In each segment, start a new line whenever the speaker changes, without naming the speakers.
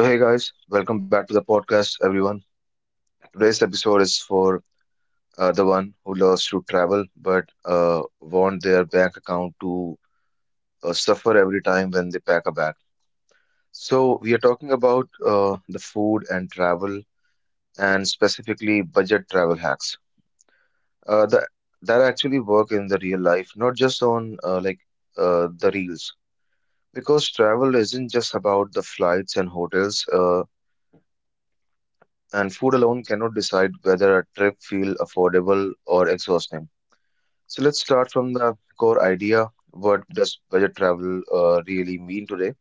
So, hey guys, welcome back to the podcast, everyone. Today's episode is for the one who loves to travel but want their bank account to suffer every time when they pack a bag. So, we are talking about the food and travel, and specifically budget travel hacks uh, that that actually work in the real life, not just on the reels. Because travel isn't just about the flights and hotels. And food alone cannot decide whether a trip feels affordable or exhausting. So let's start from the core idea. What does budget travel really mean today?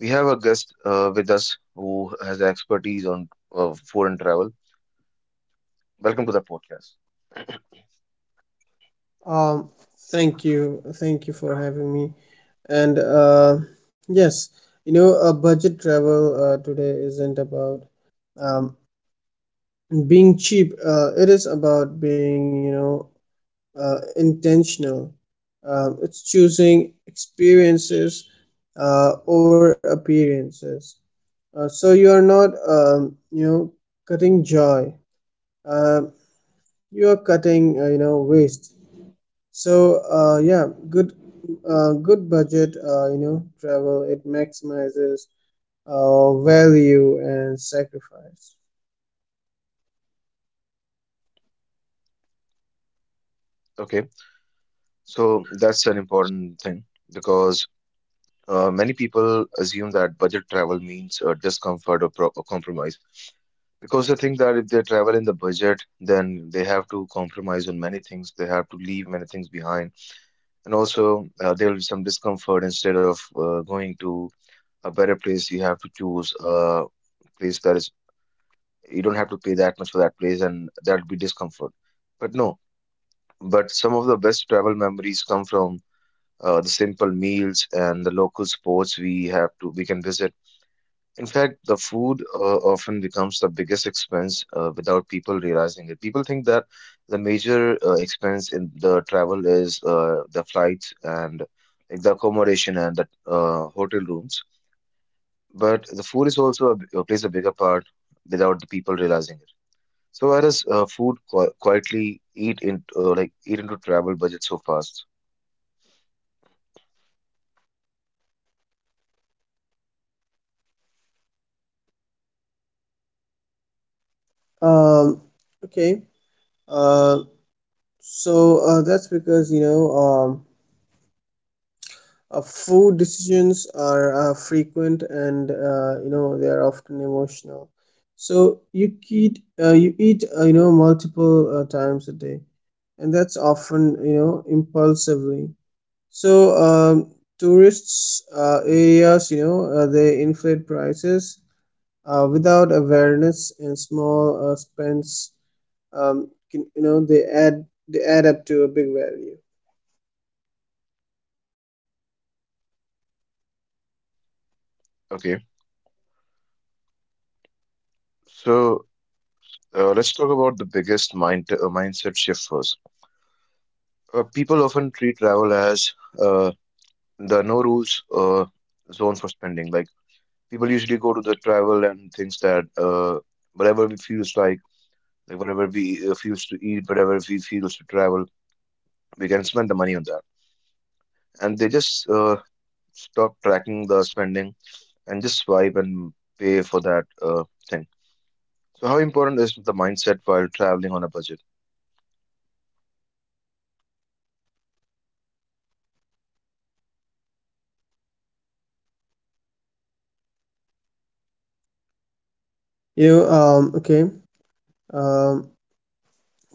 We have a guest with us who has expertise on foreign travel. Welcome to the podcast.
Um, thank you for having me. And yes, you know, Budget travel today isn't about um, being cheap. It is about being, intentional. It's choosing experiences over appearances. So you are not, cutting joy. Uh, you are cutting, waste. Good good budget travel it maximizes value and sacrifice.
Okay, so that's an important thing because many people assume that budget travel means discomfort or, or compromise. Because I think that if they travel in the budget, then they have to compromise on many things. They have to leave many things behind. And also, there will be some discomfort instead of going to a better place. You have to choose a place that is, you don't have to pay that much for that place, and that'll be discomfort. But no, but some of the best travel memories come from the simple meals and the local sports we have to, we can visit. In fact, the food often becomes the biggest expense without people realizing it. People think that the major expense in the travel is the flights and like the accommodation and the hotel rooms, but the food is also a, plays a bigger part without the people realizing it. So why does food quietly eat into eat into travel budget so fast?
Um, okay, uh, that's because food decisions are frequent and they are often emotional. So you eat multiple times a day, and that's often impulsively. So tourists areas, they inflate prices without awareness, and small spends, can, they add up to a big value.
Okay, so let's talk about the biggest mindset shift first. People often treat travel as uh, the no rules zones for spending. Like people usually go to the travel and things that whatever we feels like whatever we feels to eat, whatever we feels to travel, we can spend the money on that. And they just stop tracking the spending and just swipe and pay for that thing. So how important is the mindset while traveling on a budget?
You know, okay. Um,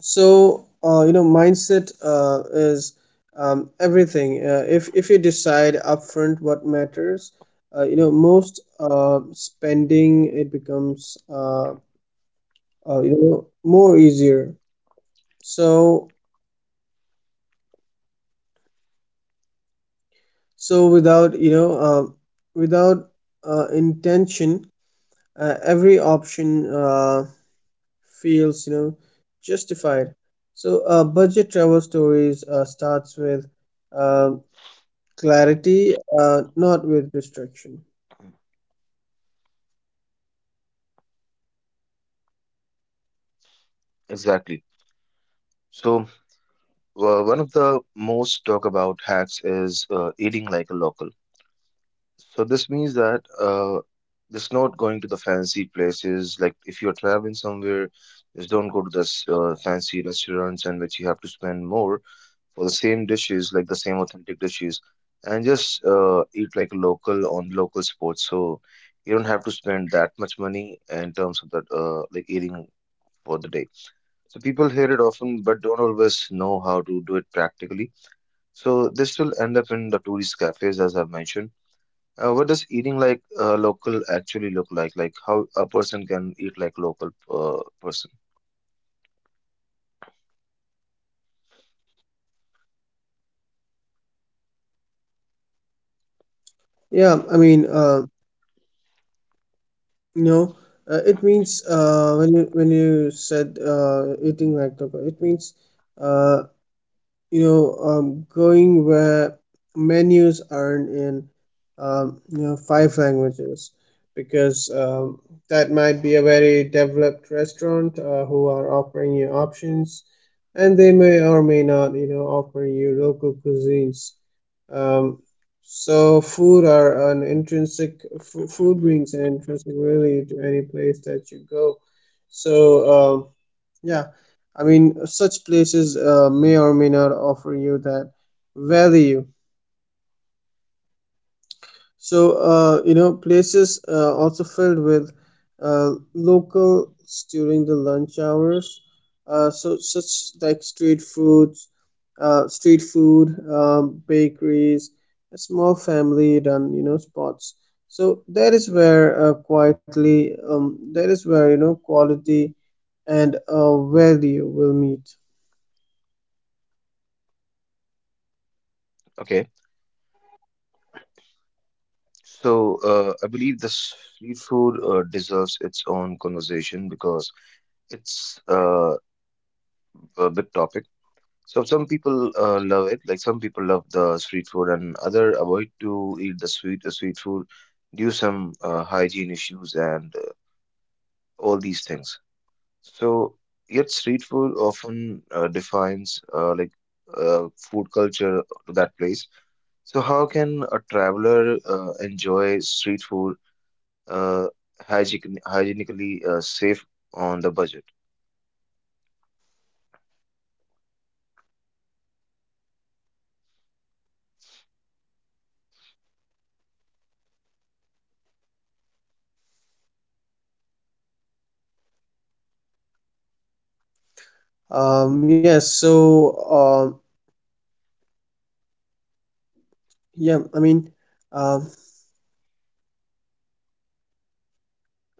so you know, Mindset is everything. If you decide upfront what matters, most spending it becomes more easier. So so without without intention every option feels justified. So budget travel stories starts with uh, clarity not with restriction.
Exactly. So one of the most talk about hacks is eating like a local. So this means that just not going to the fancy places. Like if you're traveling somewhere, just don't go to the fancy restaurants and which you have to spend more for the same dishes, like the same authentic dishes, and just eat like local on local spots. So you don't have to spend that much money in terms of that eating for the day. So people hear it often, but don't always know how to do it practically. So this will end up in the tourist cafes, as I've mentioned what does eating like local actually look like? Like how a person can eat like local person.
yeah i mean uh, you know it means when you said eating like taco it means uh, going where menus aren't in five languages because that might be a very developed restaurant who are offering you options and they may or may not offer you local cuisines. um, so food brings an intrinsic value to any place that you go. So um, yeah, I mean, such places may or may not offer you that value. So, places also filled with locals during the lunch hours. So, such like street foods, street food, bakeries, a small family run, spots. So that is where quietly, that is where quality and value will meet.
Okay, so I believe this street food deserves its own conversation because it's a big topic. So some people love it, like some people love the street food, and other avoid to eat the sweet the street food due some hygiene issues and all these things. So, yet street food often defines food culture to that place. So, how can a traveler enjoy street food uh, hygienically safe on the budget?
Yes, so yeah, I mean, um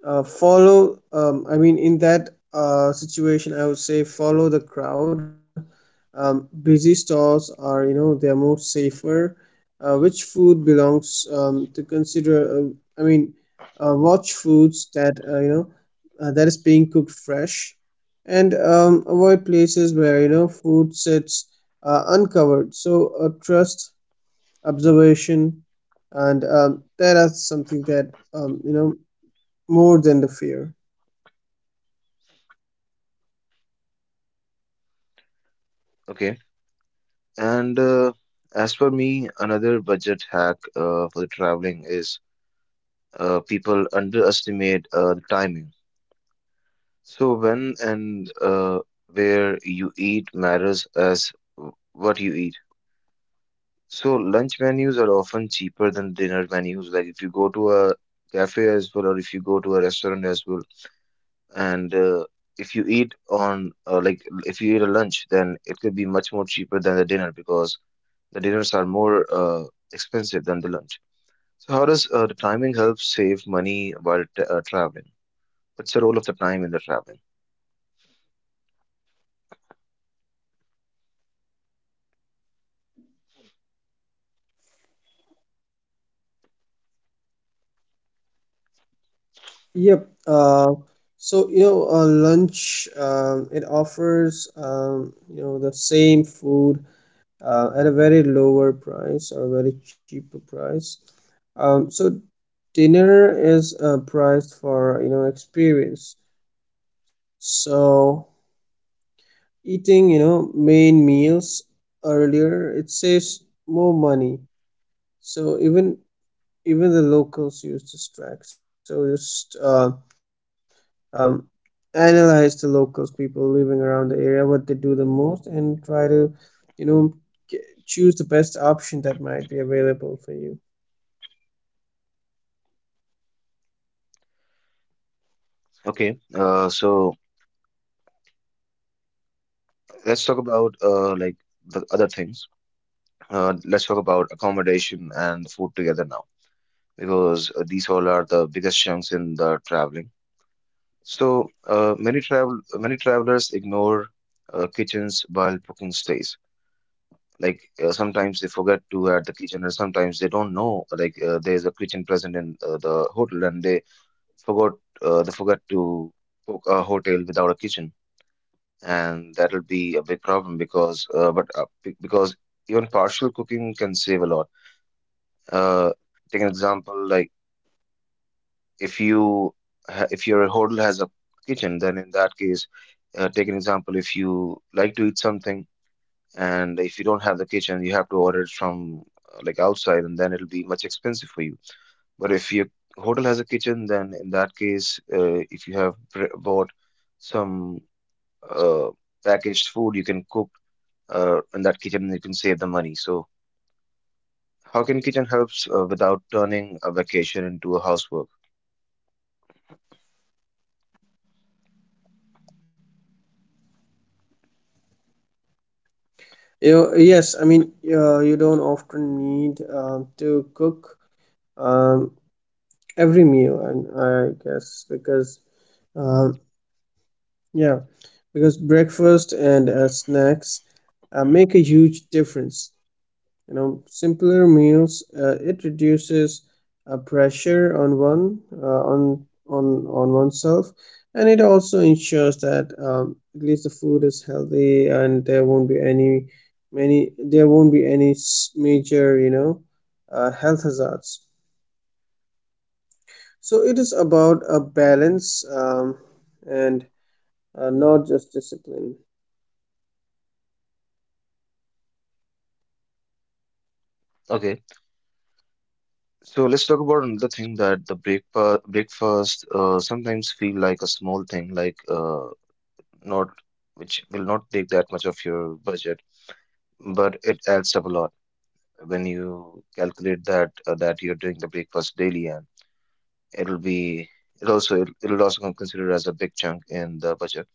follow. I mean, in that situation, I would say follow the crowd. Busy stalls are, they're more safer. Which food belongs to consider? Watch foods that that is being cooked fresh, and avoid places where food sits uncovered. So trust observation and that is something that more than the fear.
Okay. And as for me, another budget hack for the traveling is people underestimate the timing. So, when and where you eat matters as what you eat. So lunch menus are often cheaper than dinner menus. Like if you go to a cafe as well, or if you go to a restaurant as well, and if you eat on if you eat a lunch, then it could be much more cheaper than the dinner because the dinners are more expensive than the lunch. So how does the timing help save money while t traveling? What's the role of the time in the traveling?
yep uh, Lunch it offers the same food at a very lower price or a very cheaper price. um, so Dinner is priced for experience. So eating main meals earlier it saves more money. So even even the locals used to strike. So just um, analyze the locals, people living around the area, what they do the most, and try to, you know, g- choose the best option that might be available for you.
Okay, so let's talk about the other things. Let's talk about accommodation and food together now, because these all are the biggest chunks in the traveling. So many travelers ignore kitchens while booking stays. Like sometimes they forget to add the kitchen, or sometimes they don't know like there is a kitchen present in the hotel, and forgot they forgot to book a hotel without a kitchen, and that'll be a big problem because even partial cooking can save a lot. Uh, Take an example, like if you if your hotel has a kitchen, then in that case, take an example. If you like to eat something, and if you don't have the kitchen, you have to order it from outside, and then it'll be much expensive for you. But if your hotel has a kitchen, then in that case, if you have bought some uh, packaged food, you can cook in that kitchen, and you can save the money. So, how can kitchen helps without turning a vacation into a housework?
You know, yes, I mean, You don't often need to cook um, every meal, and I guess because um, yeah, because breakfast and snacks make a huge difference. you know Simpler meals it reduces pressure uh, on on on oneself, and it also ensures that at least the food is healthy and there won't be any many there won't be any s- major health hazards. So it is about a balance, um, and not just discipline.
Okay. So let's talk about another thing, that the breakfast sometimes feel like a small thing, like not which will not take that much of your budget, but it adds up a lot when you calculate that that you're doing the breakfast daily, and it'll be it also it'll also considered as a big chunk in the budget.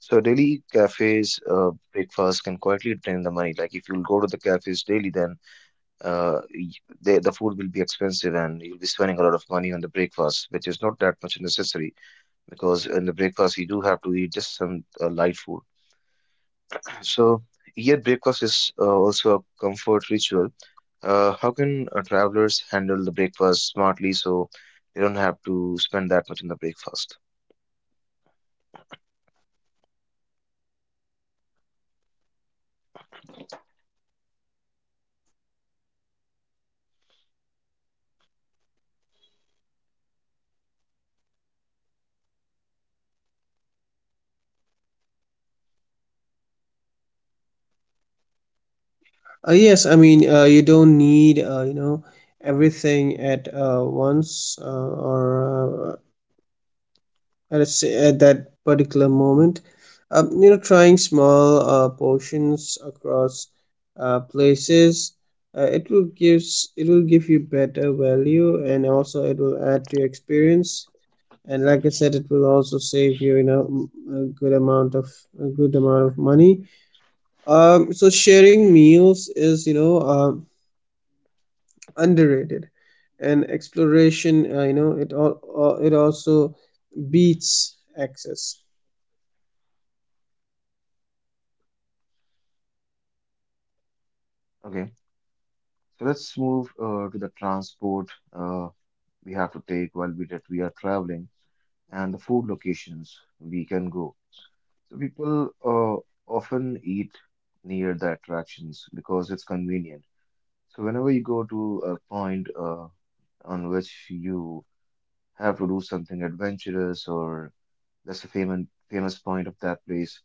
So daily cafes breakfast can quietly drain the money. Like if you go to the cafes daily, then uh, y- they, the food will be expensive and you'll be spending a lot of money on the breakfast, which is not that much necessary because in the breakfast you do have to eat just some light food. So, yet breakfast is also a comfort ritual. How can travelers handle the breakfast smartly so they don't have to spend that much on the breakfast?
You don't need, everything at once or at, a s at that particular moment. Trying small portions across places, it will give you better value, and also it will add to your experience. And like I said, it will also save you, a good amount of money. So sharing meals is, underrated, and exploration it all it also beats access.
Okay, so let's move to the transport uh, we have to take while we are traveling and the food locations we can go. So people often eat near the attractions because it's convenient. So whenever you go to a point on which you have to do something adventurous or that's a famous point of that place.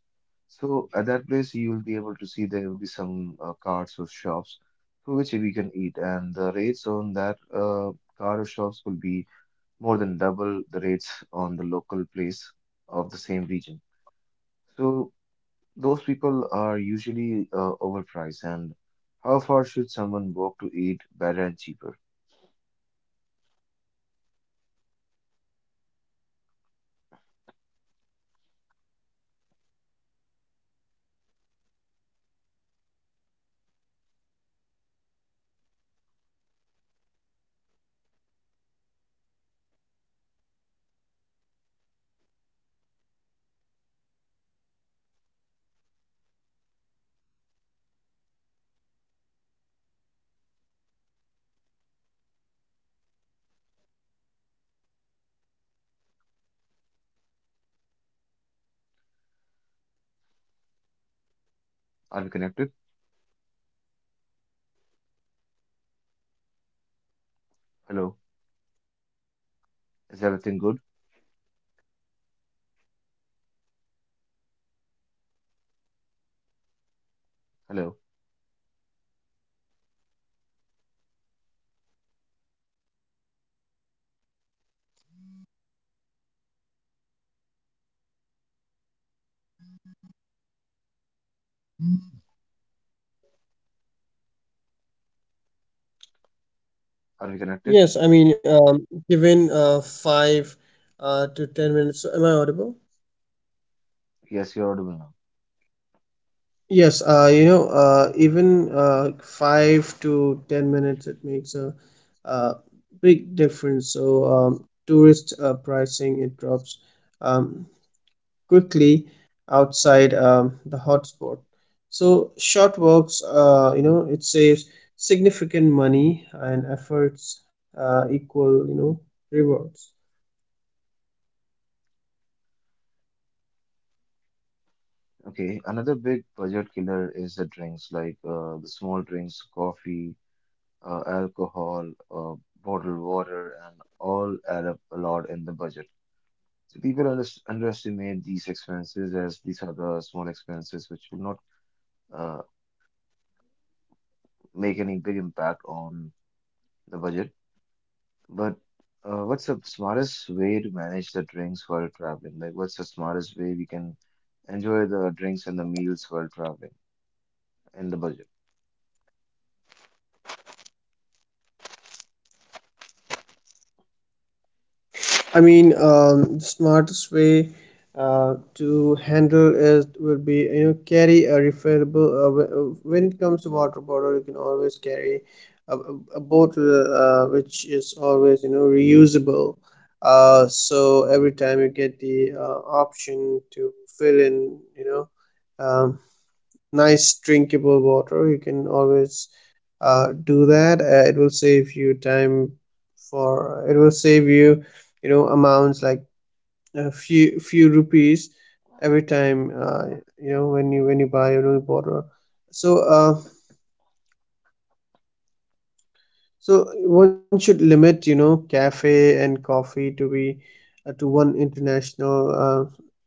So at that place you will be able to see there will be some carts or shops for which we can eat, and the rates on that cart or shops will be more than double the rates on the local place of the same region. So those people are usually overpriced. And how far should someone walk to eat better and cheaper? Are we connected? Hello. Is everything good? Hello.
Are we connected?
Given 5 to 10 minutes, am I audible?
Yes, you're audible now.
Even 5 to 10 minutes it makes a, uh big difference. So tourist pricing it drops um, quickly outside the hotspot. So short works it saves significant money and efforts equal rewards.
Okay, another big budget killer is the drinks, like the small drinks, coffee, alcohol, bottled water, and all add up a lot in the budget. So people underestimate these expenses as these are the small expenses which will not uh, make any big impact on the budget. But what's the smartest way to manage the drinks while traveling? Like, what's the smartest way we can enjoy the drinks and the meals while traveling in the budget?
I mean, the smartest way to handle it will be carry a refillable. When it comes to water bottle, you can always carry a bottle which is always reusable. So every time you get the option to fill in, um, nice drinkable water, you can always do that. It will save you time for it will save you you know amounts like a few rupees every time when you buy a new bottle. so uh, One should limit cafe and coffee to be to one international uh,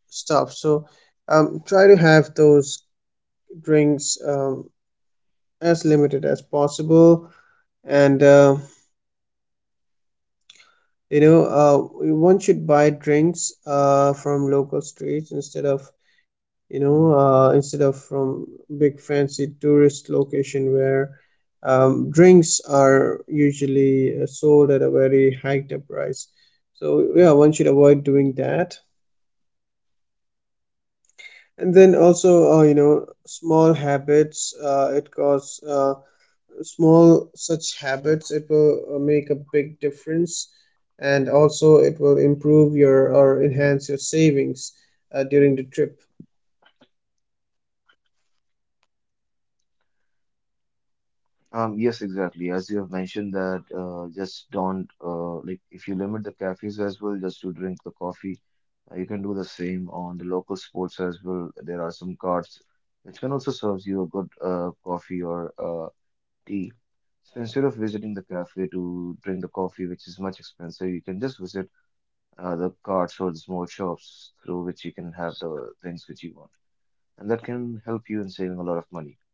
stop. So try to have those drinks as limited as possible, and uh, You know, uh, one should buy drinks from local streets instead of, instead of from big fancy tourist location where drinks are usually sold at a very hiked up price. So yeah, one should avoid doing that. And then also, small habits. It costs. Small such habits it will make a big difference, and also it will improve your or enhance your savings during the trip.
Yes, exactly. As you have mentioned that just don't like if you limit the cafes as well, just to drink the coffee, you can do the same on the local sports as well. There are some carts which can also serve you a good coffee or tea. So instead of visiting the cafe to drink the coffee, which is much expensive, you can just visit the carts or the small shops through which you can have the things which you want, and that can help you in saving a lot of money.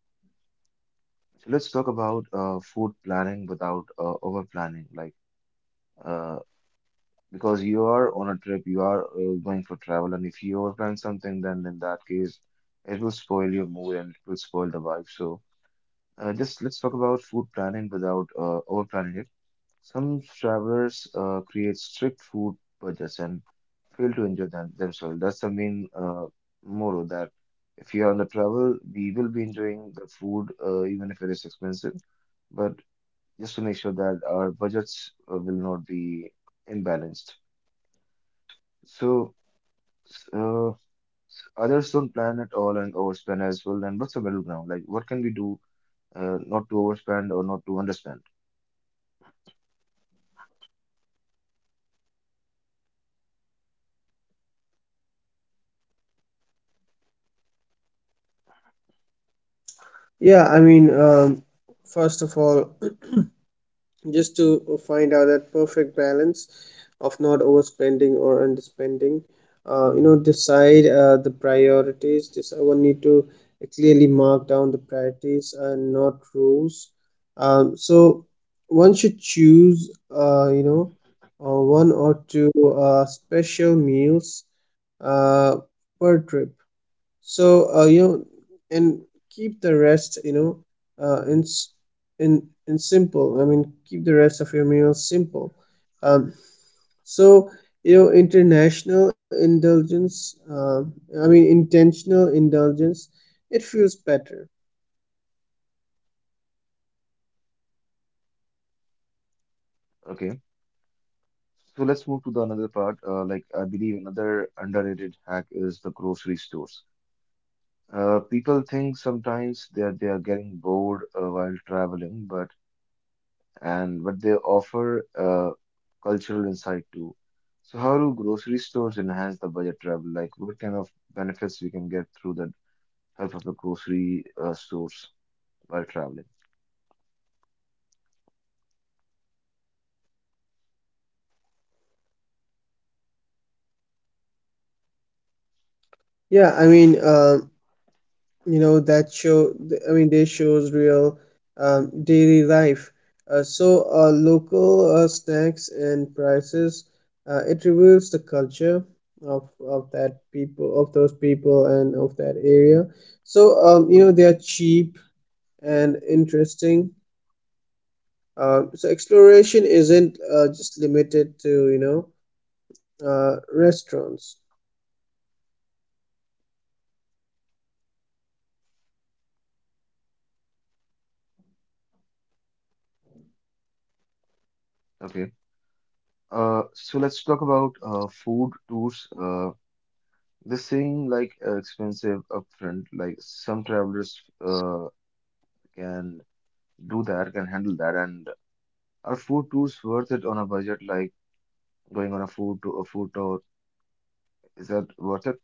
So let's talk about food planning without over planning. Like, uh, because you are on a trip, you are going for travel, and if you over plan something, then in that case, it will spoil your mood and it will spoil the vibe. So, just let's talk about food planning without over planning it. Some travelers create strict food budgets and fail to enjoy them themselves. That's the main motto that if you are on the travel, we will be enjoying the food, even if it is expensive. But just to make sure that our budgets will not be imbalanced. So, s- uh, others don't plan at all and overspend as well. And what's the middle ground? Like, what can we do not to overspend or not to underspend?
yeah i mean um, First of all, just to find out that perfect balance of not overspending or underspending, decide the priorities. This One need to clearly mark down the priorities and not rules. um, so One should choose one or two special meals uh, per trip. So you know, and Keep the rest you know in s- in simple. I mean, keep the rest of your meals simple. Um, so you know, international indulgence. I mean, intentional indulgence. It feels better.
Okay. So let's move to the another part. Like, I believe another underrated hack is the grocery stores. People think sometimes that they are getting bored while traveling, but they offer cultural insight too. So how do grocery stores enhance the budget travel? Like what kind of benefits we can get through the help of the grocery stores while traveling?
Yeah, I mean. um that I mean, they shows real daily life. Local snacks and prices it reveals the culture of that people of those people and of that area. So they are cheap and interesting. Um, so exploration isn't just limited to restaurants.
Okay. So let's talk about food tours. This seem like expensive upfront. Like some travelers can do that, can handle that, and are food tours worth it on a budget? Like going on a food tour is that worth it?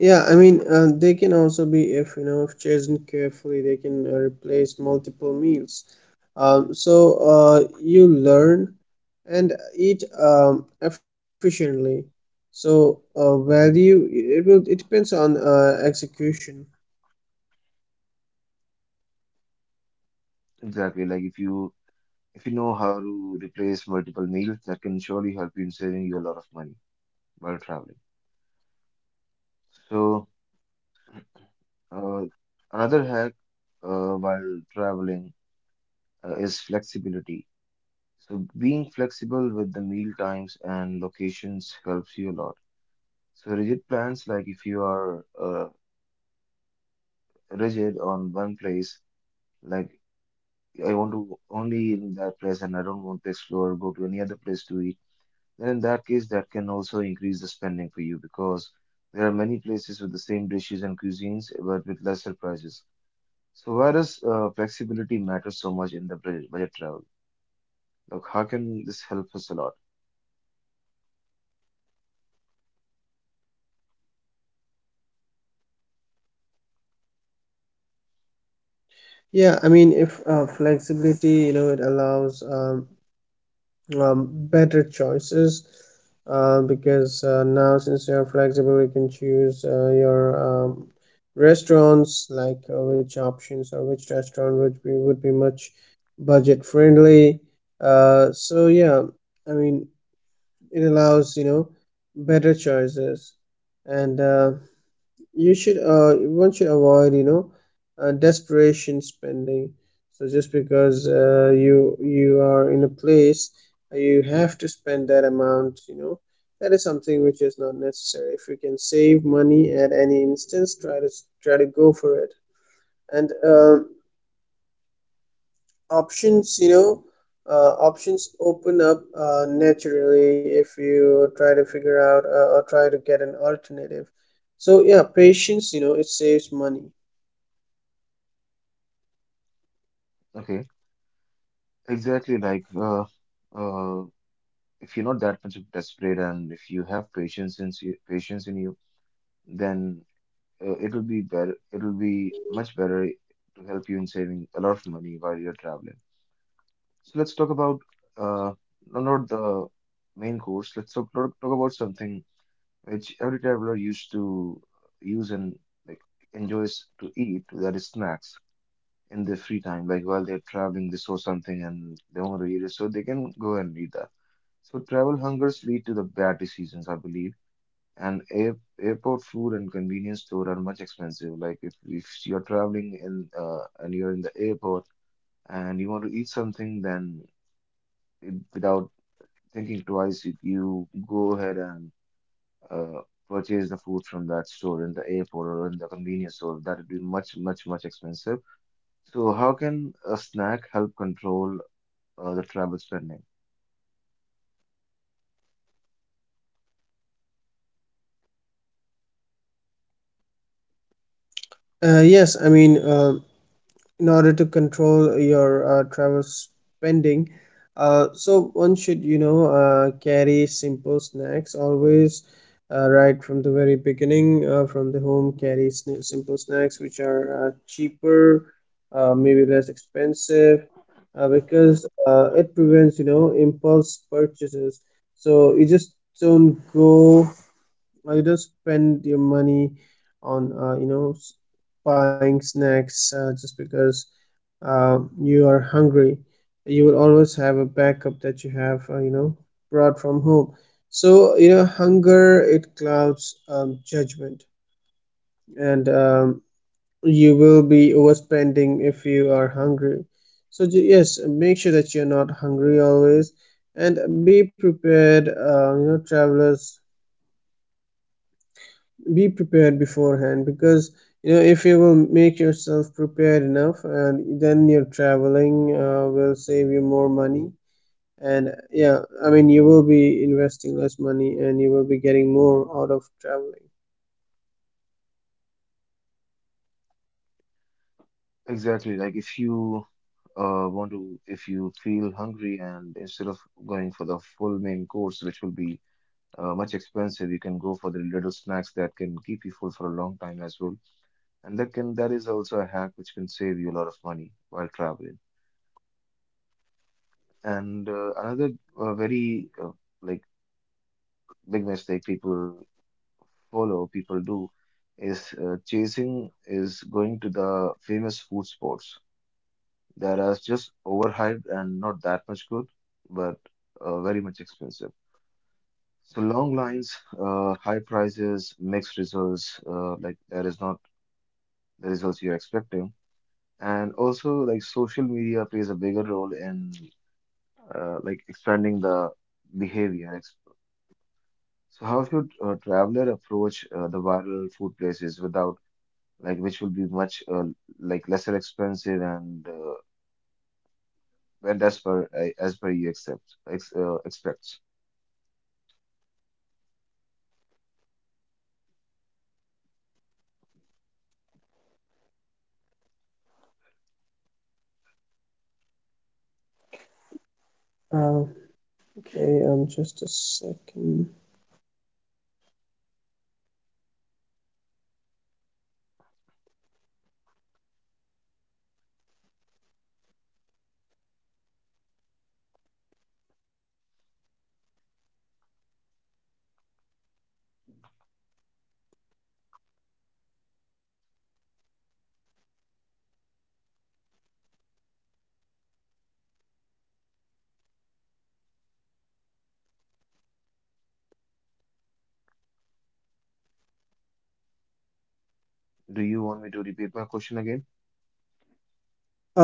They can also be, if you know, if chosen carefully, they can replace multiple meals. So you learn and eat efficiently. So value, it depends on execution.
Exactly. Like if you if you know how to replace multiple meals, that can surely help you in saving you a lot of money while traveling. So, uh, another hack while traveling is flexibility. So, being flexible with the meal times and locations helps you a lot. So, rigid plans, like if you are rigid on one place, like I want to only eat in that place and I don't want to explore, go to any other place to eat, then in that case, that can also increase the spending for you because there are many places with the same dishes and cuisines but with lesser prices. So why does flexibility matter so much in the budget travel? Like, how can this help us a lot?
Yeah, I mean, if flexibility, it allows better choices because now since you're flexible you can choose your um, restaurants like which options or which restaurant would be much budget friendly. uh, so yeah i mean it allows better choices, and you should one should avoid desperation spending. So just because you are in a place you have to spend that amount. That is something which is not necessary. If you can save money at any instance, try to go for it. And options you know Options open up naturally if you try to figure out or try to get an alternative. So yeah, patience it saves money.
Okay, exactly. Like, uh, if you're not that much of desperate and if you have patience in you, then it'll be better. It'll be much better to help you in saving a lot of money while you're traveling. So let's talk about uh, no, not the main course. Let's talk about something which every traveler used to use and like enjoys to eat. That is snacks in their free time. Like while they're traveling, they saw something and they want to eat it, so they can go and eat that. So travel hungers lead to the bad decisions, I believe. And airport food and convenience store are much expensive. Like if you're traveling in and you're in the airport and you want to eat something, then it, without thinking twice if you go ahead and uh, purchase the food from that store in the airport or in the convenience store. That would be much, much, much expensive. So how can a snack help control the travel spending?
Uh, yes, I mean, uh, in order to control your travel spending, so one should, carry simple snacks always, right from the very beginning, from the home, carry sn simple snacks which are cheaper, maybe less expensive, because it prevents, impulse purchases. So you just don't go or you just spend your money on buying snacks just because you are hungry. You will always have a backup that you have brought from home. So you know hunger it clouds judgment, and you will be overspending if you are hungry. So yes, make sure that you're not hungry always and be prepared, you know, travelers, be prepared beforehand, because you know if you will make yourself prepared enough and then your traveling will save you more money. And yeah, I mean you will be investing less money and you will be getting more out of traveling.
Exactly. Like if you want to, if you feel hungry and instead of going for the full main course, which will be much expensive, you can go for the little snacks that can keep you full for a long time as well. And that is also a hack which can save you a lot of money while traveling. And another very like big mistake people do, is chasing is going to the famous food spots that are just overhyped and not that much good, but very much expensive. So long lines, high prices, mixed results, like that is not the results you're expecting. And also like social media plays a bigger role in like expanding the behavior. So how should a traveler approach the viral food places without like which will be much like lesser expensive and as per as per you accept expects.
Okay, just a second.
Do you want me to repeat my question again?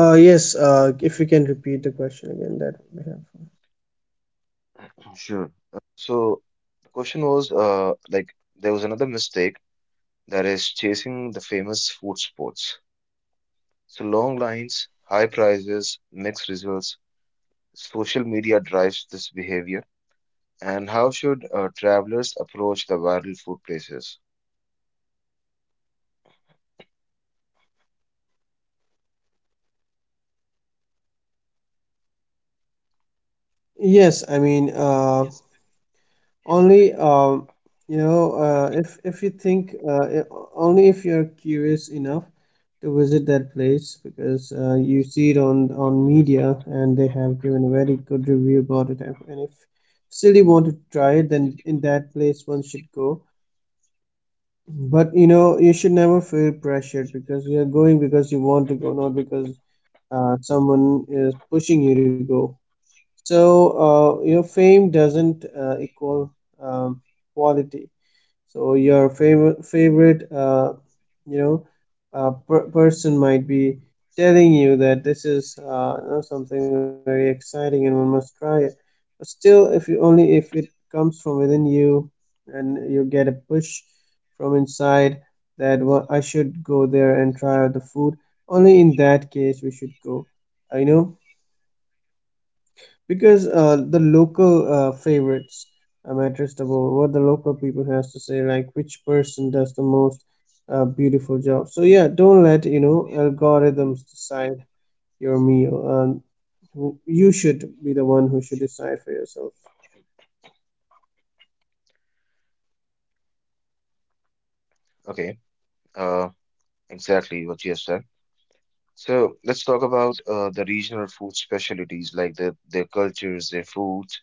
Yes, if you can repeat the question again, that would be helpful.
Sure. So the question was like there was another mistake that is chasing the famous food spots. So long lines, high prices, mixed results. Social media drives this behavior. And how should travelers approach the viral food places?
Yes, I mean only, you know, if you think only if you're curious enough to visit that place because you see it on media and they have given a very good review about it. And if still you want to try it, then in that place one should go. But you know you should never feel pressured because you are going because you want to go, not because someone is pushing you to go. So you know fame doesn't equal um, quality. So your favorite you know person might be telling you that this is something very exciting and one must try it. But still, if you only if it comes from within you and you get a push from inside that I should go there and try out the food," only in that case we should go. I know, because the local favorites matters the more what the local people has to say, like which person does the most beautiful job. So yeah, don't let you know algorithms decide your meal. You should be the one who should decide for yourself.
Okay, uh, exactly what you have said. So let's talk about the regional food specialties, like the, their cultures, their foods,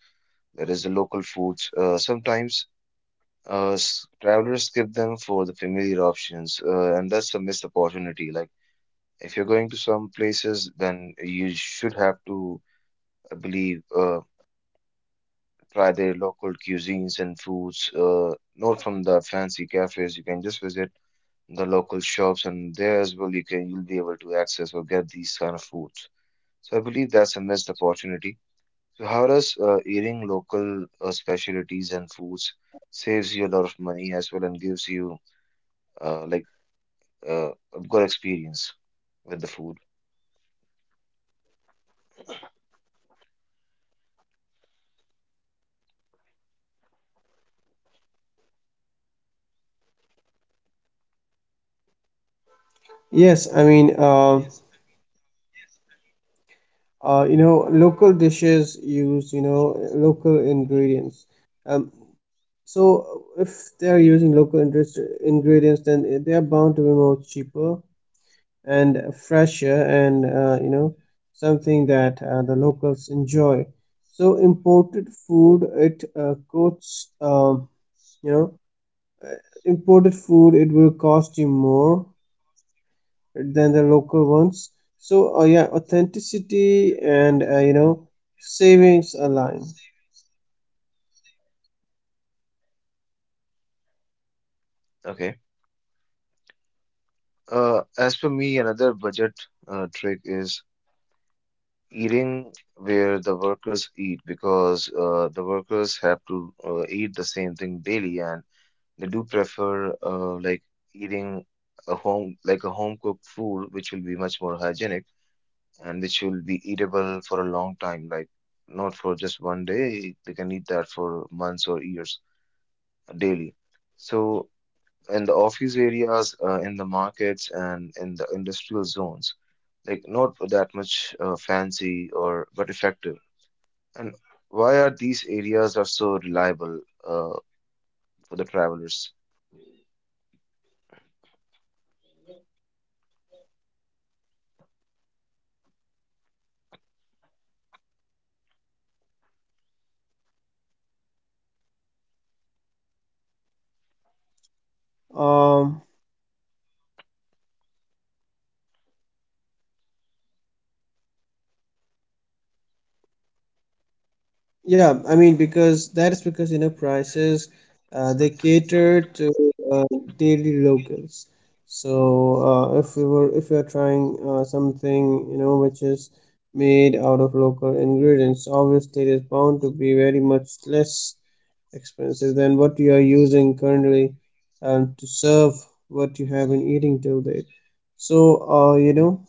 that is the local foods. Sometimes travelers skip them for the familiar options, and that's a missed opportunity. Like if you're going to some places, then you should have to, I believe, try their local cuisines and foods, not from the fancy cafes. You can just visit the local shops, and there as well you can you'll be able to access or get these kind of foods. So I believe that's a missed opportunity. So how does eating local specialties and foods saves you a lot of money as well and gives you like a good experience with the food?
Yes, I mean you know local dishes use you know local ingredients. um, so if they are using local interest ingredients, then they are bound to be more cheaper and fresher and you know something that the locals enjoy. So imported food it costs you know imported food it will cost you more than the local ones. So yeah, authenticity and you know savings align.
Okay. As for me, another budget trick is eating where the workers eat because the workers have to eat the same thing daily, and they do prefer like eating a home cooked food, which will be much more hygienic and which will be eatable for a long time, like not for just one day. They can eat that for months or years daily. So in the office areas, in the markets, and in the industrial zones, like not that much fancy or but effective. And why are these areas are so reliable for the travelers?
um Yeah, I mean because that is because you know prices they cater to daily locals. So if we are trying something you know which is made out of local ingredients, obviously it is bound to be very much less expensive than what you are using currently to serve what you have been eating till date. So uh, you know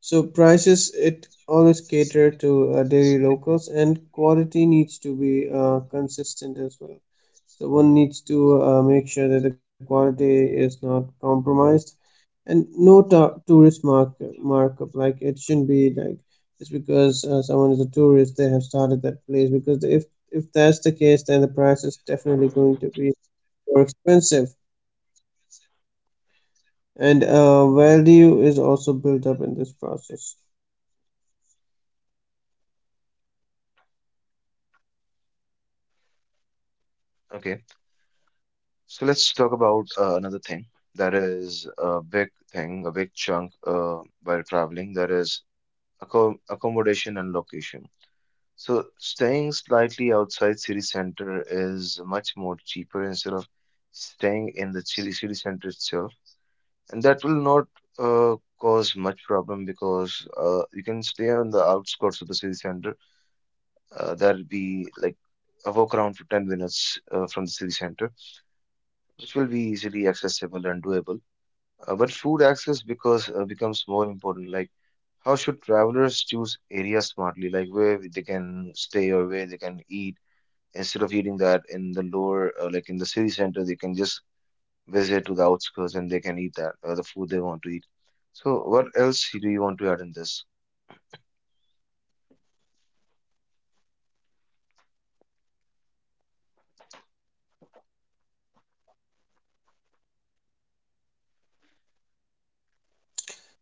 so prices it always cater to daily locals and quality needs to be consistent as well. So one needs to make sure that the quality is not compromised and no tourist markup. Like it shouldn't be like just because someone is a tourist they have started that place, because if that's the case then the price is definitely going to be more expensive and value is also built up in this process.
Okay. So let's talk about another thing that is a big thing, a big chunk while traveling. That is accommodation and location. So staying slightly outside city center is much more cheaper instead of staying in the city center itself, and that will not cause much problem because you can stay on the outskirts of the city center. That'll be like a walk around for 10 minutes from the city center, which will be easily accessible and doable. But food access because becomes more important. Like, how should travelers choose areas smartly, like where they can stay or where they can eat, instead of eating that in the lower, like in the city center, they can just visit to the outskirts and they can eat that the food they want to eat. So, what else do you want to add in this?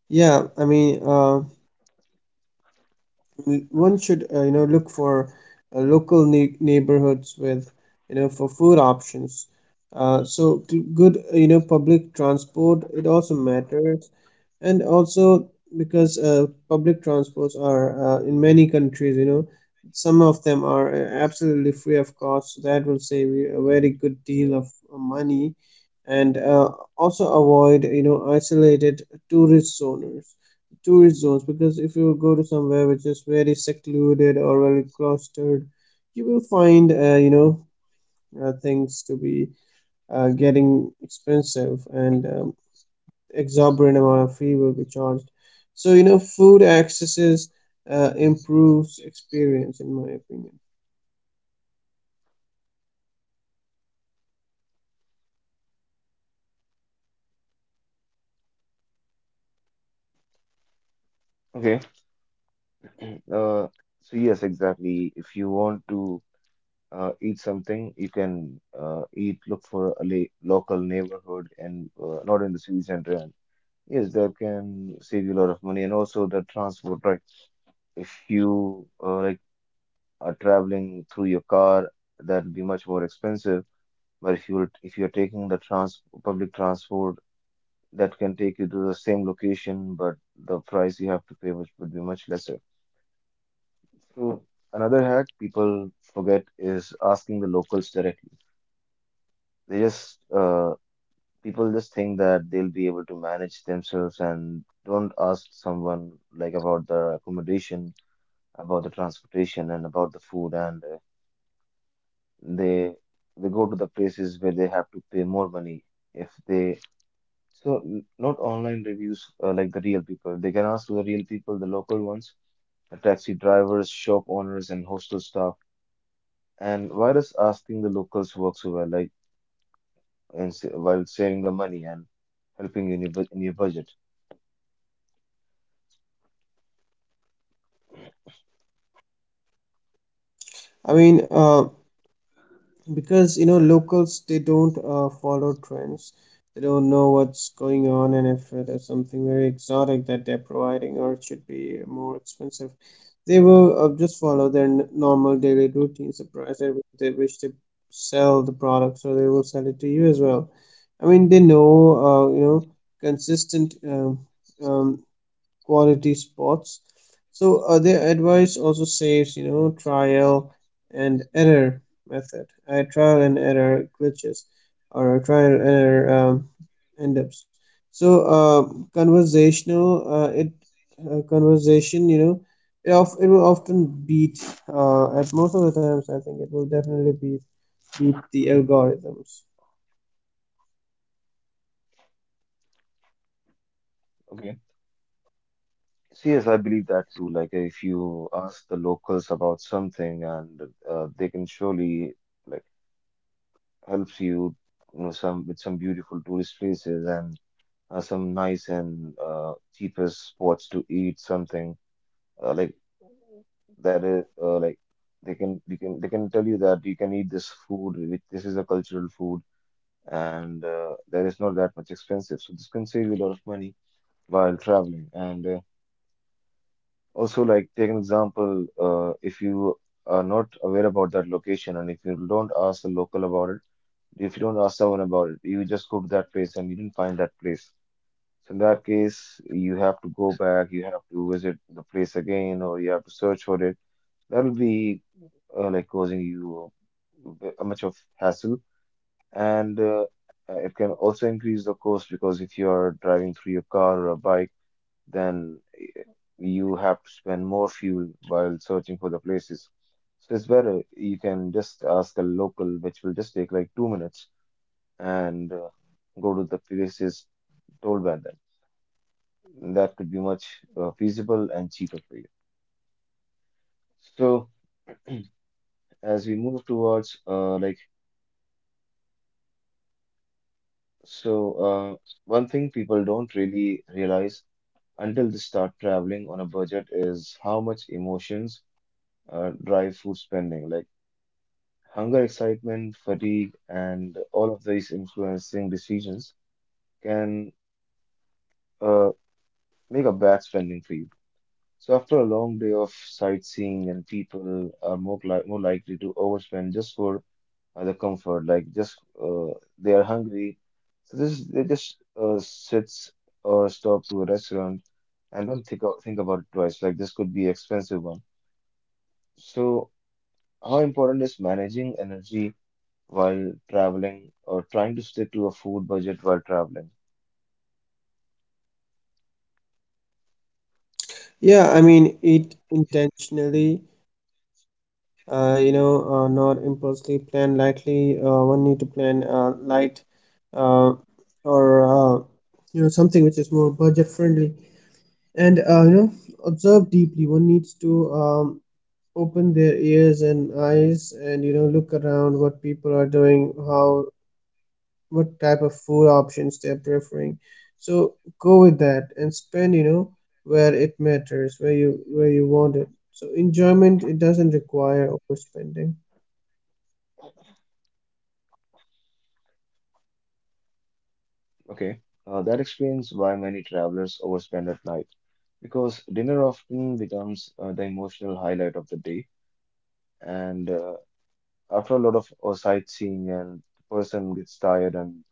Yeah, I mean, one should you know look for local neighborhoods with you know for food options. Good you know public transport it also matters, and also because public transports are in many countries you know some of them are absolutely free of cost, so that will save you a very good deal of money. And also avoid you know isolated tourist zones tourist zones, because if you go to somewhere which is very secluded or very clustered, you will find things to be getting expensive and exorbitant amount of fee will be charged. So you know, food accesses improves experience, in my opinion.
Okay. Uh, so yes, exactly. If you want to eat something, you can eat. Look for a la local neighborhood and not in the city center. And. Yes, that can save you a lot of money, and also the transport, right? If you like are traveling through your car, that'll be much more expensive. But if you're taking the trans public transport, that can take you to the same location, but the price you have to pay which would be much lesser. So another hack people forget is asking the locals directly. They just people just think that they'll be able to manage themselves and don't ask someone like about the accommodation, about the transportation, and about the food, and uh, they they go to the places where they have to pay more money if they, so not online reviews, like the real people. They can ask to the real people, the local ones, the taxi drivers, shop owners, and hostel staff. And why does asking the locals work so well, like while saving the money and helping you in your, in your budget?
I mean, because you know, locals they don't follow trends. They don't know what's going on, and if there's something very exotic that they're providing, or it should be more expensive, they will just follow their normal daily routine. Surprise, they, which they wish to sell the products, or they will sell it to you as well. I mean, they know, consistent um, quality spots. So their advice also says, you know, trial and error method. Trial and error glitches or trial and error end ups. So uh, conversational, it conversation, you know, it of it will often beat. At most of the times, I think it will definitely beat the algorithms.
Okay. See, yes, I believe that too. Like, if you ask the locals about something, and they can surely, like, helps you, you know, some with some beautiful tourist places, and some nice and cheapest spots to eat something. Like, that is, like, they can tell you that you can eat this food which this is a cultural food, and that is not that much expensive, so this can save you a lot of money while traveling. And Also, like, take an example, if you are not aware about that location and if you don't ask the local about it. If you don't ask someone about it, you just go to that place and you didn't find that place. So in that case, you have to go back, you have to visit the place again, or you have to search for it. That will be like causing you a much of hassle, and it can also increase the cost because if you are driving through your car or a bike, then you have to spend more fuel while searching for the places. So it's better, you can just ask a local, which will just take like 2 minutes, and go to the places told by them. That could be much feasible and cheaper for you. So, as we move towards like so one thing people don't really realize until they start traveling on a budget is how much emotions drive food spending, like hunger, excitement, fatigue, and all of these influencing decisions can uh, make a bad spending for you. So after a long day of sightseeing, and people are more likely to overspend just for the comfort, like, just uh, they are hungry, so this they just sits or stop to a restaurant and don't think about it twice. Like, this could be expensive one. So, how important is managing energy while traveling or trying to stick to a food budget while traveling?
Yeah, I mean, eat intentionally, not impulsively, plan lightly. One need to plan light uh, or you know, something which is more budget friendly. And, you know, observe deeply. One needs to open their ears and eyes and, you know, look around what people are doing, how what type of food options they're preferring. So go with that and spend you know where it matters, where you want it. So enjoyment it doesn't require overspending.
Okay, that explains why many travelers overspend at night because dinner often becomes the emotional highlight of the day. And After a lot of sightseeing, and the person gets tired, and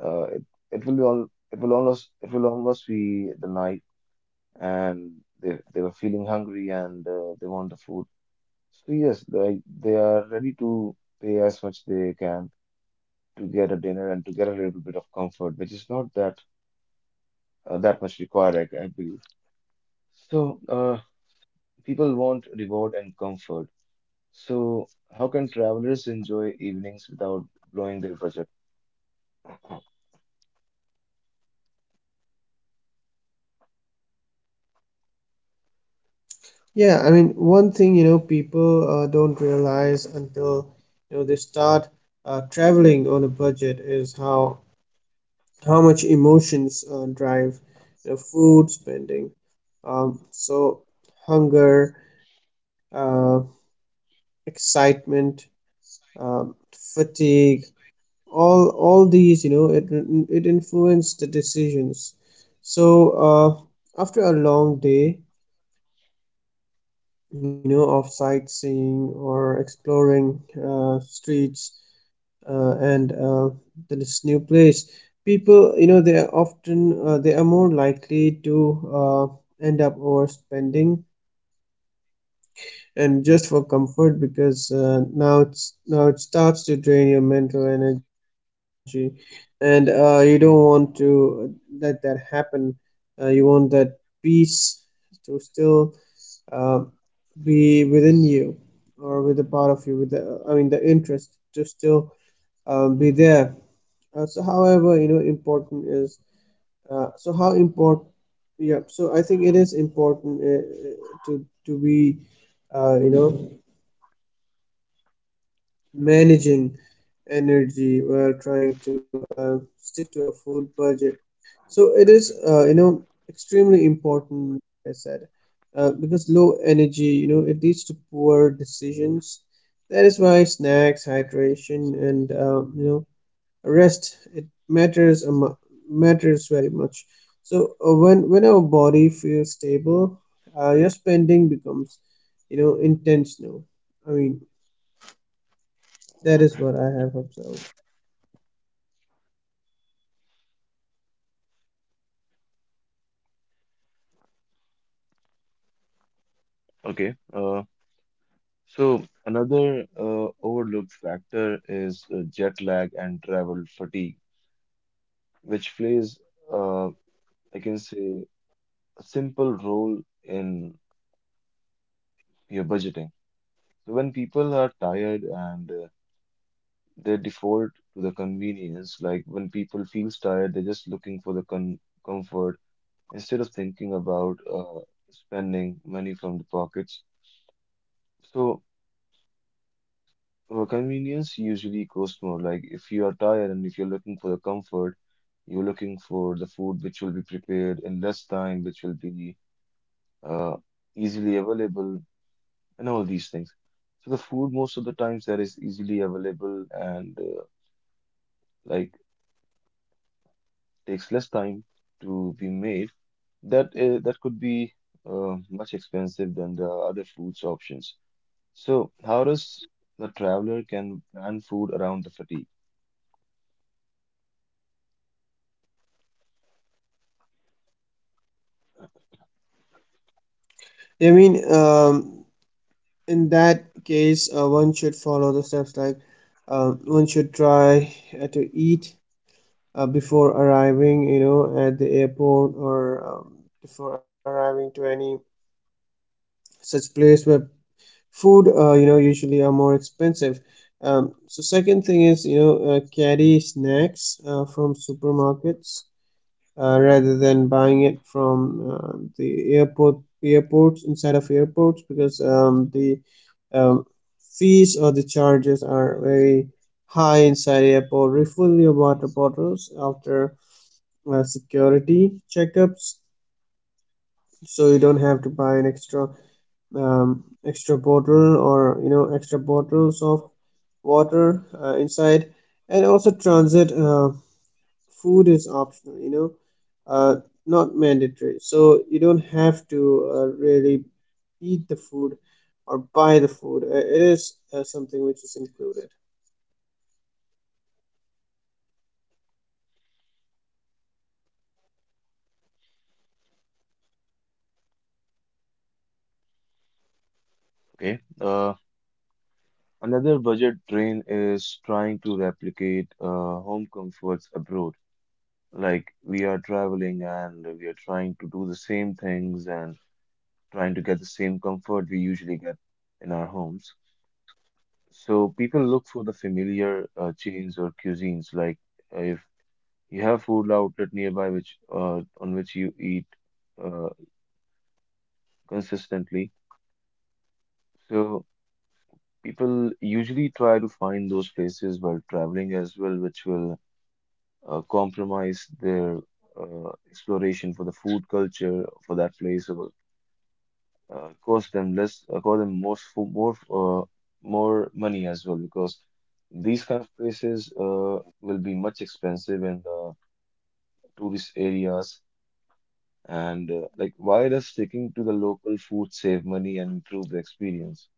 uh, it, it will be all, it will almost be the night, and they were feeling hungry, and they want the food. So yes, they are ready to pay as much they can to get a dinner and to get a little bit of comfort, which is not that that much required, I believe. So, people want reward and comfort. So, how can travelers enjoy evenings without blowing their budget?
Yeah, I mean one thing you know people don't realize until you know they start traveling on a budget is how much emotions drive you know food spending. So hunger, uh, excitement, um, fatigue, all these you know it it influenced the decisions. So after a long day you know of sightseeing or exploring streets and this new place, people you know they are often they are more likely to uh, end up overspending and just for comfort, because now it's now it starts to drain your mental energy, and you don't want to let that happen. You want that peace to still uh, be within you or with a part of you, with the I mean the interest to still be there. So, however, you know, important is so how important. Yeah, so I think it is important to be, you know, managing energy while trying to stick to a food budget. So it is, you know, extremely important, like I said, because low energy, you know, it leads to poor decisions. That is why snacks, hydration, and you know, rest it matters very much. So when our body feels stable, your spending becomes, you know, intentional. I mean, that is what I have observed.
Okay. So another overlooked factor is jet lag and travel fatigue, which plays, uh, I can say, a simple role in your budgeting. So when people are tired, and they default to the convenience, like when people feels tired, they're just looking for the con comfort instead of thinking about spending money from the pockets. So, convenience usually costs more. Like, if you are tired and if you're looking for the comfort, you're looking for the food which will be prepared in less time, which will be uh, easily available, and all these things. So, the food, most of the times, that is easily available and like takes less time to be made, that that could be much expensive than the other foods options. So, how does the traveler can plan food around the fatigue?
I mean, in that case, one should follow the steps like one should try to eat before arriving, you know, at the airport or before arriving to any such place where food, you know, usually are more expensive. So second thing is, you know, carry snacks from supermarkets rather than buying it from the airport airports inside of airports, because the um, fees or the charges are very high inside airport. Refill your water bottles after security checkups, so you don't have to buy an extra extra bottle or you know extra bottles of water inside. And also transit food is optional. You know uh, not mandatory. So you don't have to really eat the food or buy the food. It is something which is included.
Okay. Another budget train is trying to replicate home comforts abroad. Like, we are traveling and we are trying to do the same things and trying to get the same comfort we usually get in our homes. So people look for the familiar chains or cuisines. Like, if you have food outlet nearby which on which you eat uh, consistently. So people usually try to find those places while traveling as well, which will compromise their exploration for the food culture for that place, or cost them less, cost them most for more more money as well, because these kind of places will be much expensive in the tourist areas. And like, why does sticking to the local food save money and improve the experience?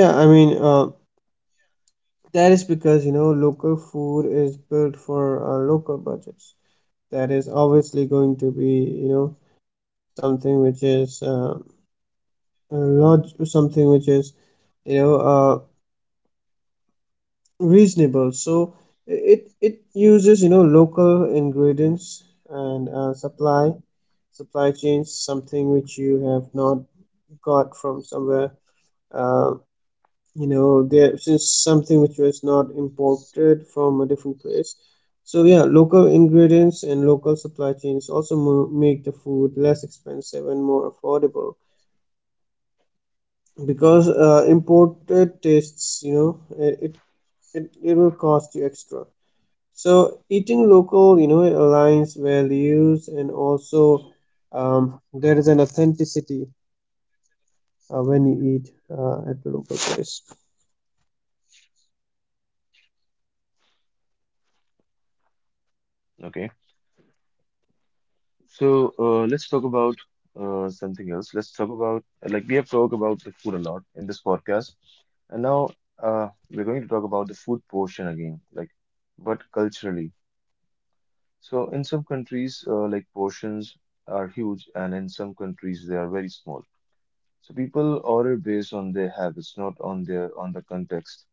Yeah, I mean, that is because, you know, local food is built for local budgets. That is obviously going to be, you know, something which is something which is, you know, uh, reasonable. So it uses you know local ingredients and supply chains, something which you have not got from somewhere uh, you know there since something which was not imported from a different place. So yeah, local ingredients and local supply chains also make the food less expensive and more affordable, because imported tastes you know it will cost you extra. So eating local, you know, it aligns values, and also there is an authenticity when you eat at the local place.
Okay. So let's talk about something else. Let's talk about, like, we have talked about the food a lot in this podcast, and now we're going to talk about the food portion again, like, but culturally. So in some countries, like, portions are huge, and in some countries they are very small. So people order based on their habits, not on their, on the context.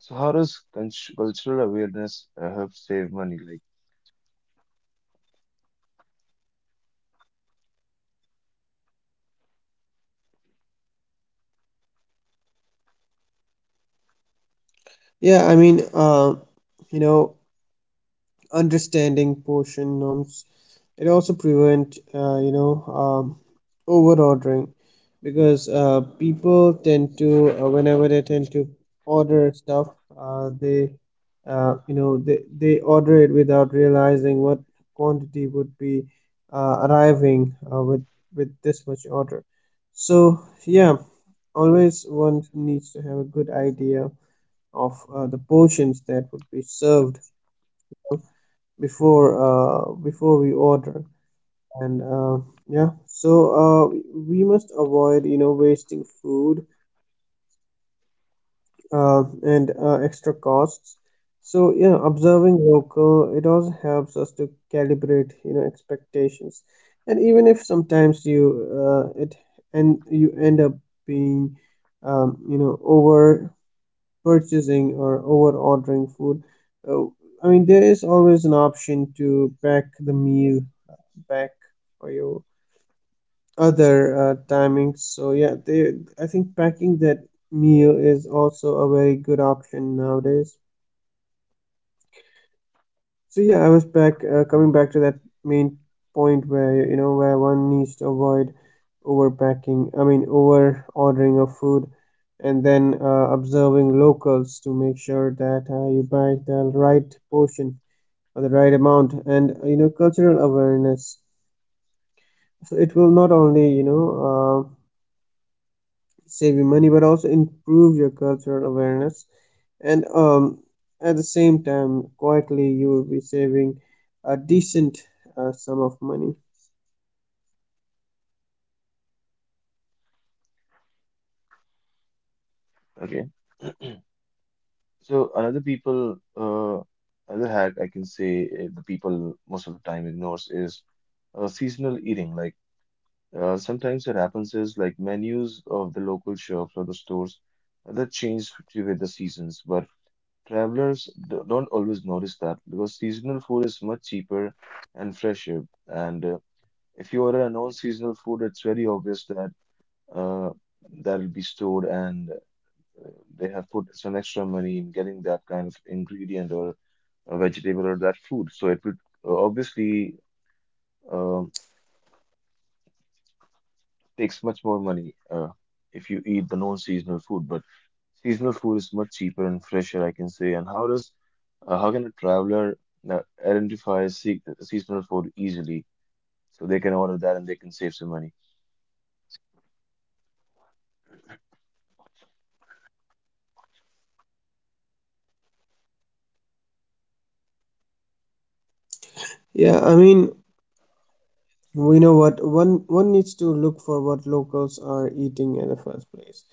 So how does cultural awareness help save money? Like,
Yeah, I mean, you know, understanding portion norms. It also prevent um, over ordering, because people tend to whenever they tend to order stuff they you know they order it without realizing what quantity would be arriving with this much order. So yeah, always one needs to have a good idea of the portions that would be served before we order, and yeah, so uh, we must avoid you know wasting food and extra costs. So yeah, observing local it also helps us to calibrate you know expectations, and even if sometimes you it and you end up being you know over purchasing or over ordering food, uh, I mean there is always an option to pack the meal uh, back for your other timings. So yeah, they I think packing that meal is also a very good option nowadays. So yeah, I was back coming back to that main point where you know where one needs to avoid overpacking. I mean, over ordering of food, and then observing locals to make sure that you buy the right portion or the right amount, and you know cultural awareness. So it will not only you know save you money, but also improve your cultural awareness, and at the same time quietly you will be saving a decent sum of money.
okay. So another people, another hack I can say the people most of the time ignores is seasonal eating. Like, sometimes it happens is like menus of the local shops or the stores that change to with the seasons, but travelers don't always notice that, because seasonal food is much cheaper and fresher. And if you order a non-seasonal food, it's very obvious that uh, that'll be stored and they have put some extra money in getting that kind of ingredient or a vegetable or that food. So it would obviously um takes much more money if you eat the non-seasonal food. But seasonal food is much cheaper and fresher, I can say. And how does how can a traveler identify se seasonal food easily? So they can order that and they can save some money.
Yeah, I mean we know what one needs to look for what locals are eating in the first place.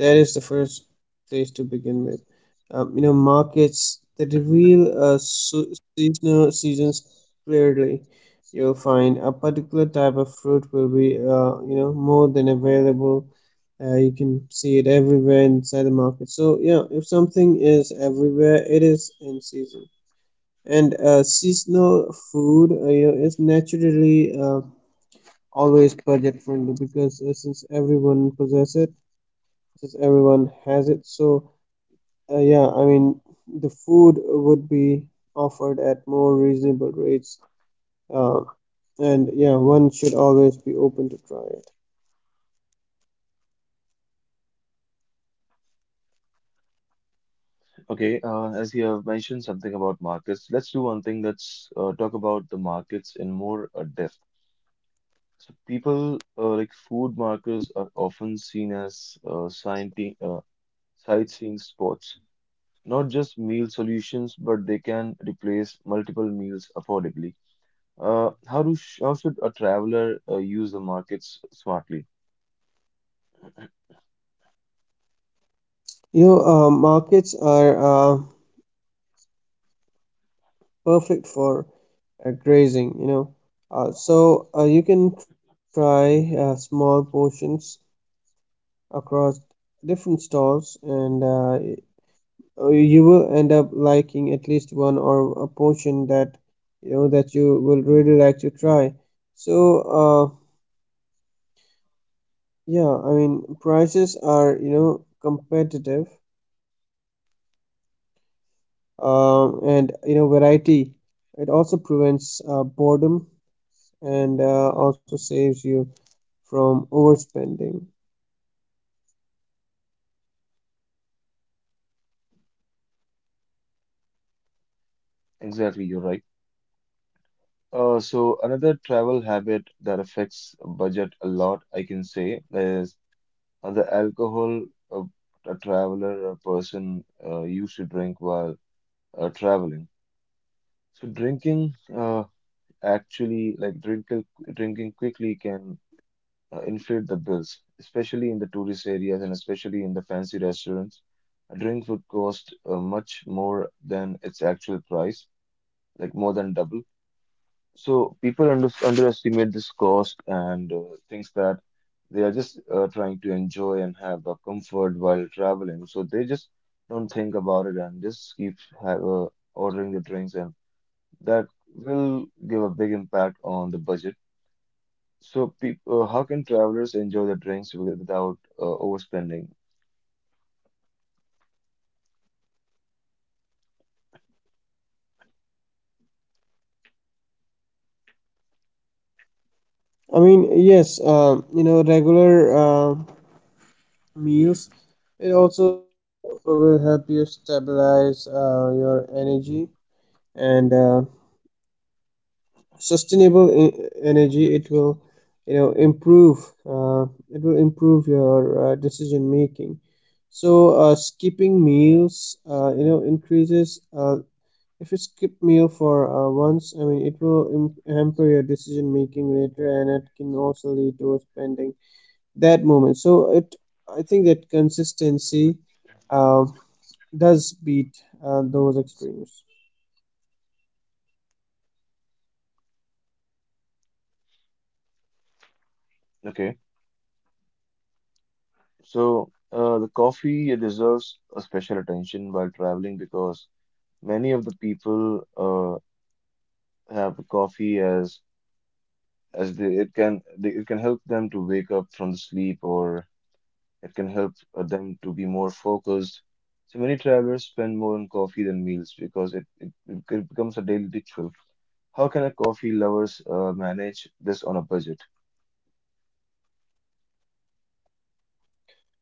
That is the first place to begin with. You know markets that reveal seasonal seasons clearly. You'll find a particular type of fruit will be you know more than available. You can see it everywhere inside the market. So yeah, if something is everywhere, it is in season. And seasonal food you know, is naturally always budget friendly, because since everyone possesses it, since everyone has it, so yeah, I mean the food would be offered at more reasonable rates. Uh, and yeah, one should always be open to try it.
Okay, as you have mentioned something about markets, let's do one thing. Let's talk about the markets in more depth. So people like food markers are often seen as sightseeing spots, not just meal solutions, but they can replace multiple meals affordably. How do sh How should a traveler use the markets smartly?
You know, markets are perfect for grazing, you know, you can try small portions across different stalls, and you will end up liking at least one or a portion that you know that you will really like to try. So uh, yeah, I mean prices are you know competitive, and you know variety it also prevents boredom, and also saves you from overspending.
Exactly, you're right. So another travel habit that affects budget a lot, I can say, is the alcohol, uh, a traveler or person used to drink while traveling. So drinking, actually, like drinking, drinking quickly can inflate the bills, especially in the tourist areas and especially in the fancy restaurants. A drink would cost much more than its actual price, like more than double. So people underestimate this cost and thinks that they are just trying to enjoy and have a comfort while traveling. So they just don't think about it and just keep have, ordering the drinks, and that will give a big impact on the budget. So, peop how can travelers enjoy the drinks without overspending?
I mean, yes, you know, regular meals, it also will help you stabilize your energy and sustainable energy. It will, you know, improve. It will improve your decision making. So, skipping meals, you know, increases if you skip meal for once, I mean, it will hamper your decision making later, and it can also lead to spending that moment. So it, I think that consistency uh, does beat those extremes.
Okay, so the coffee deserves a special attention while traveling because many of the people uh, have coffee as, it can help them to wake up from the sleep, or it can help them to be more focused. So many travelers spend more on coffee than meals because it becomes a daily ritual. How can a coffee lovers manage this on a budget?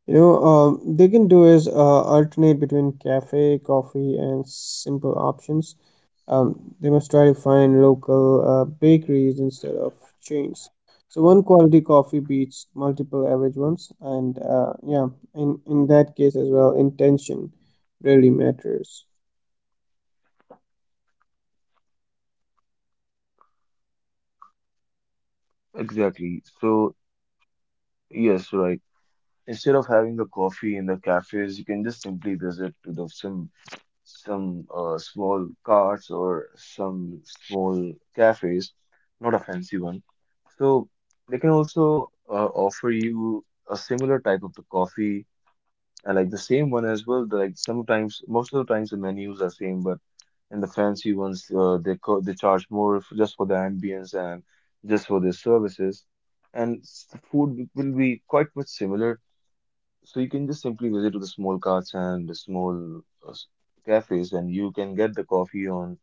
You know, they can do is alternate between cafe, coffee, and simple options. They must try to find local bakeries instead of chains. So one quality coffee beats multiple average ones, and yeah, in that case as well, intention really matters.
Exactly. So, yes, right. Instead of having a coffee in the cafes, you can just simply visit to the some small carts or some small cafes, not a fancy one. So they can also offer you a similar type of the coffee, and like the same one as well. Like, sometimes, most of the times, the menus are same, but, and the fancy ones they charge more f just for the ambience and just for their services, and the food will be quite much similar. So you can just simply visit to the small carts and the small uh, s- cafes, and you can get the coffee on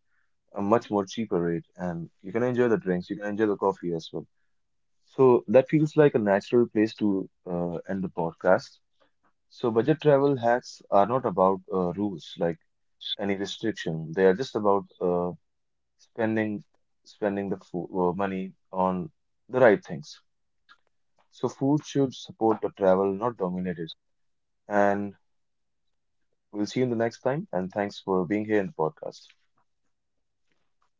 a much more cheaper rate, and you can enjoy the drinks, you can enjoy the coffee as well. So that feels like a natural place to end the podcast. So budget travel hacks are not about rules like any restriction, they are just about spending spending the food, money on the right things. So food should support the travel, not dominate it. And we'll see you in the next time. And thanks for being here in the podcast.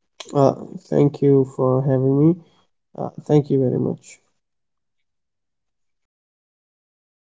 Uh, Thank you for having me. Thank you very much.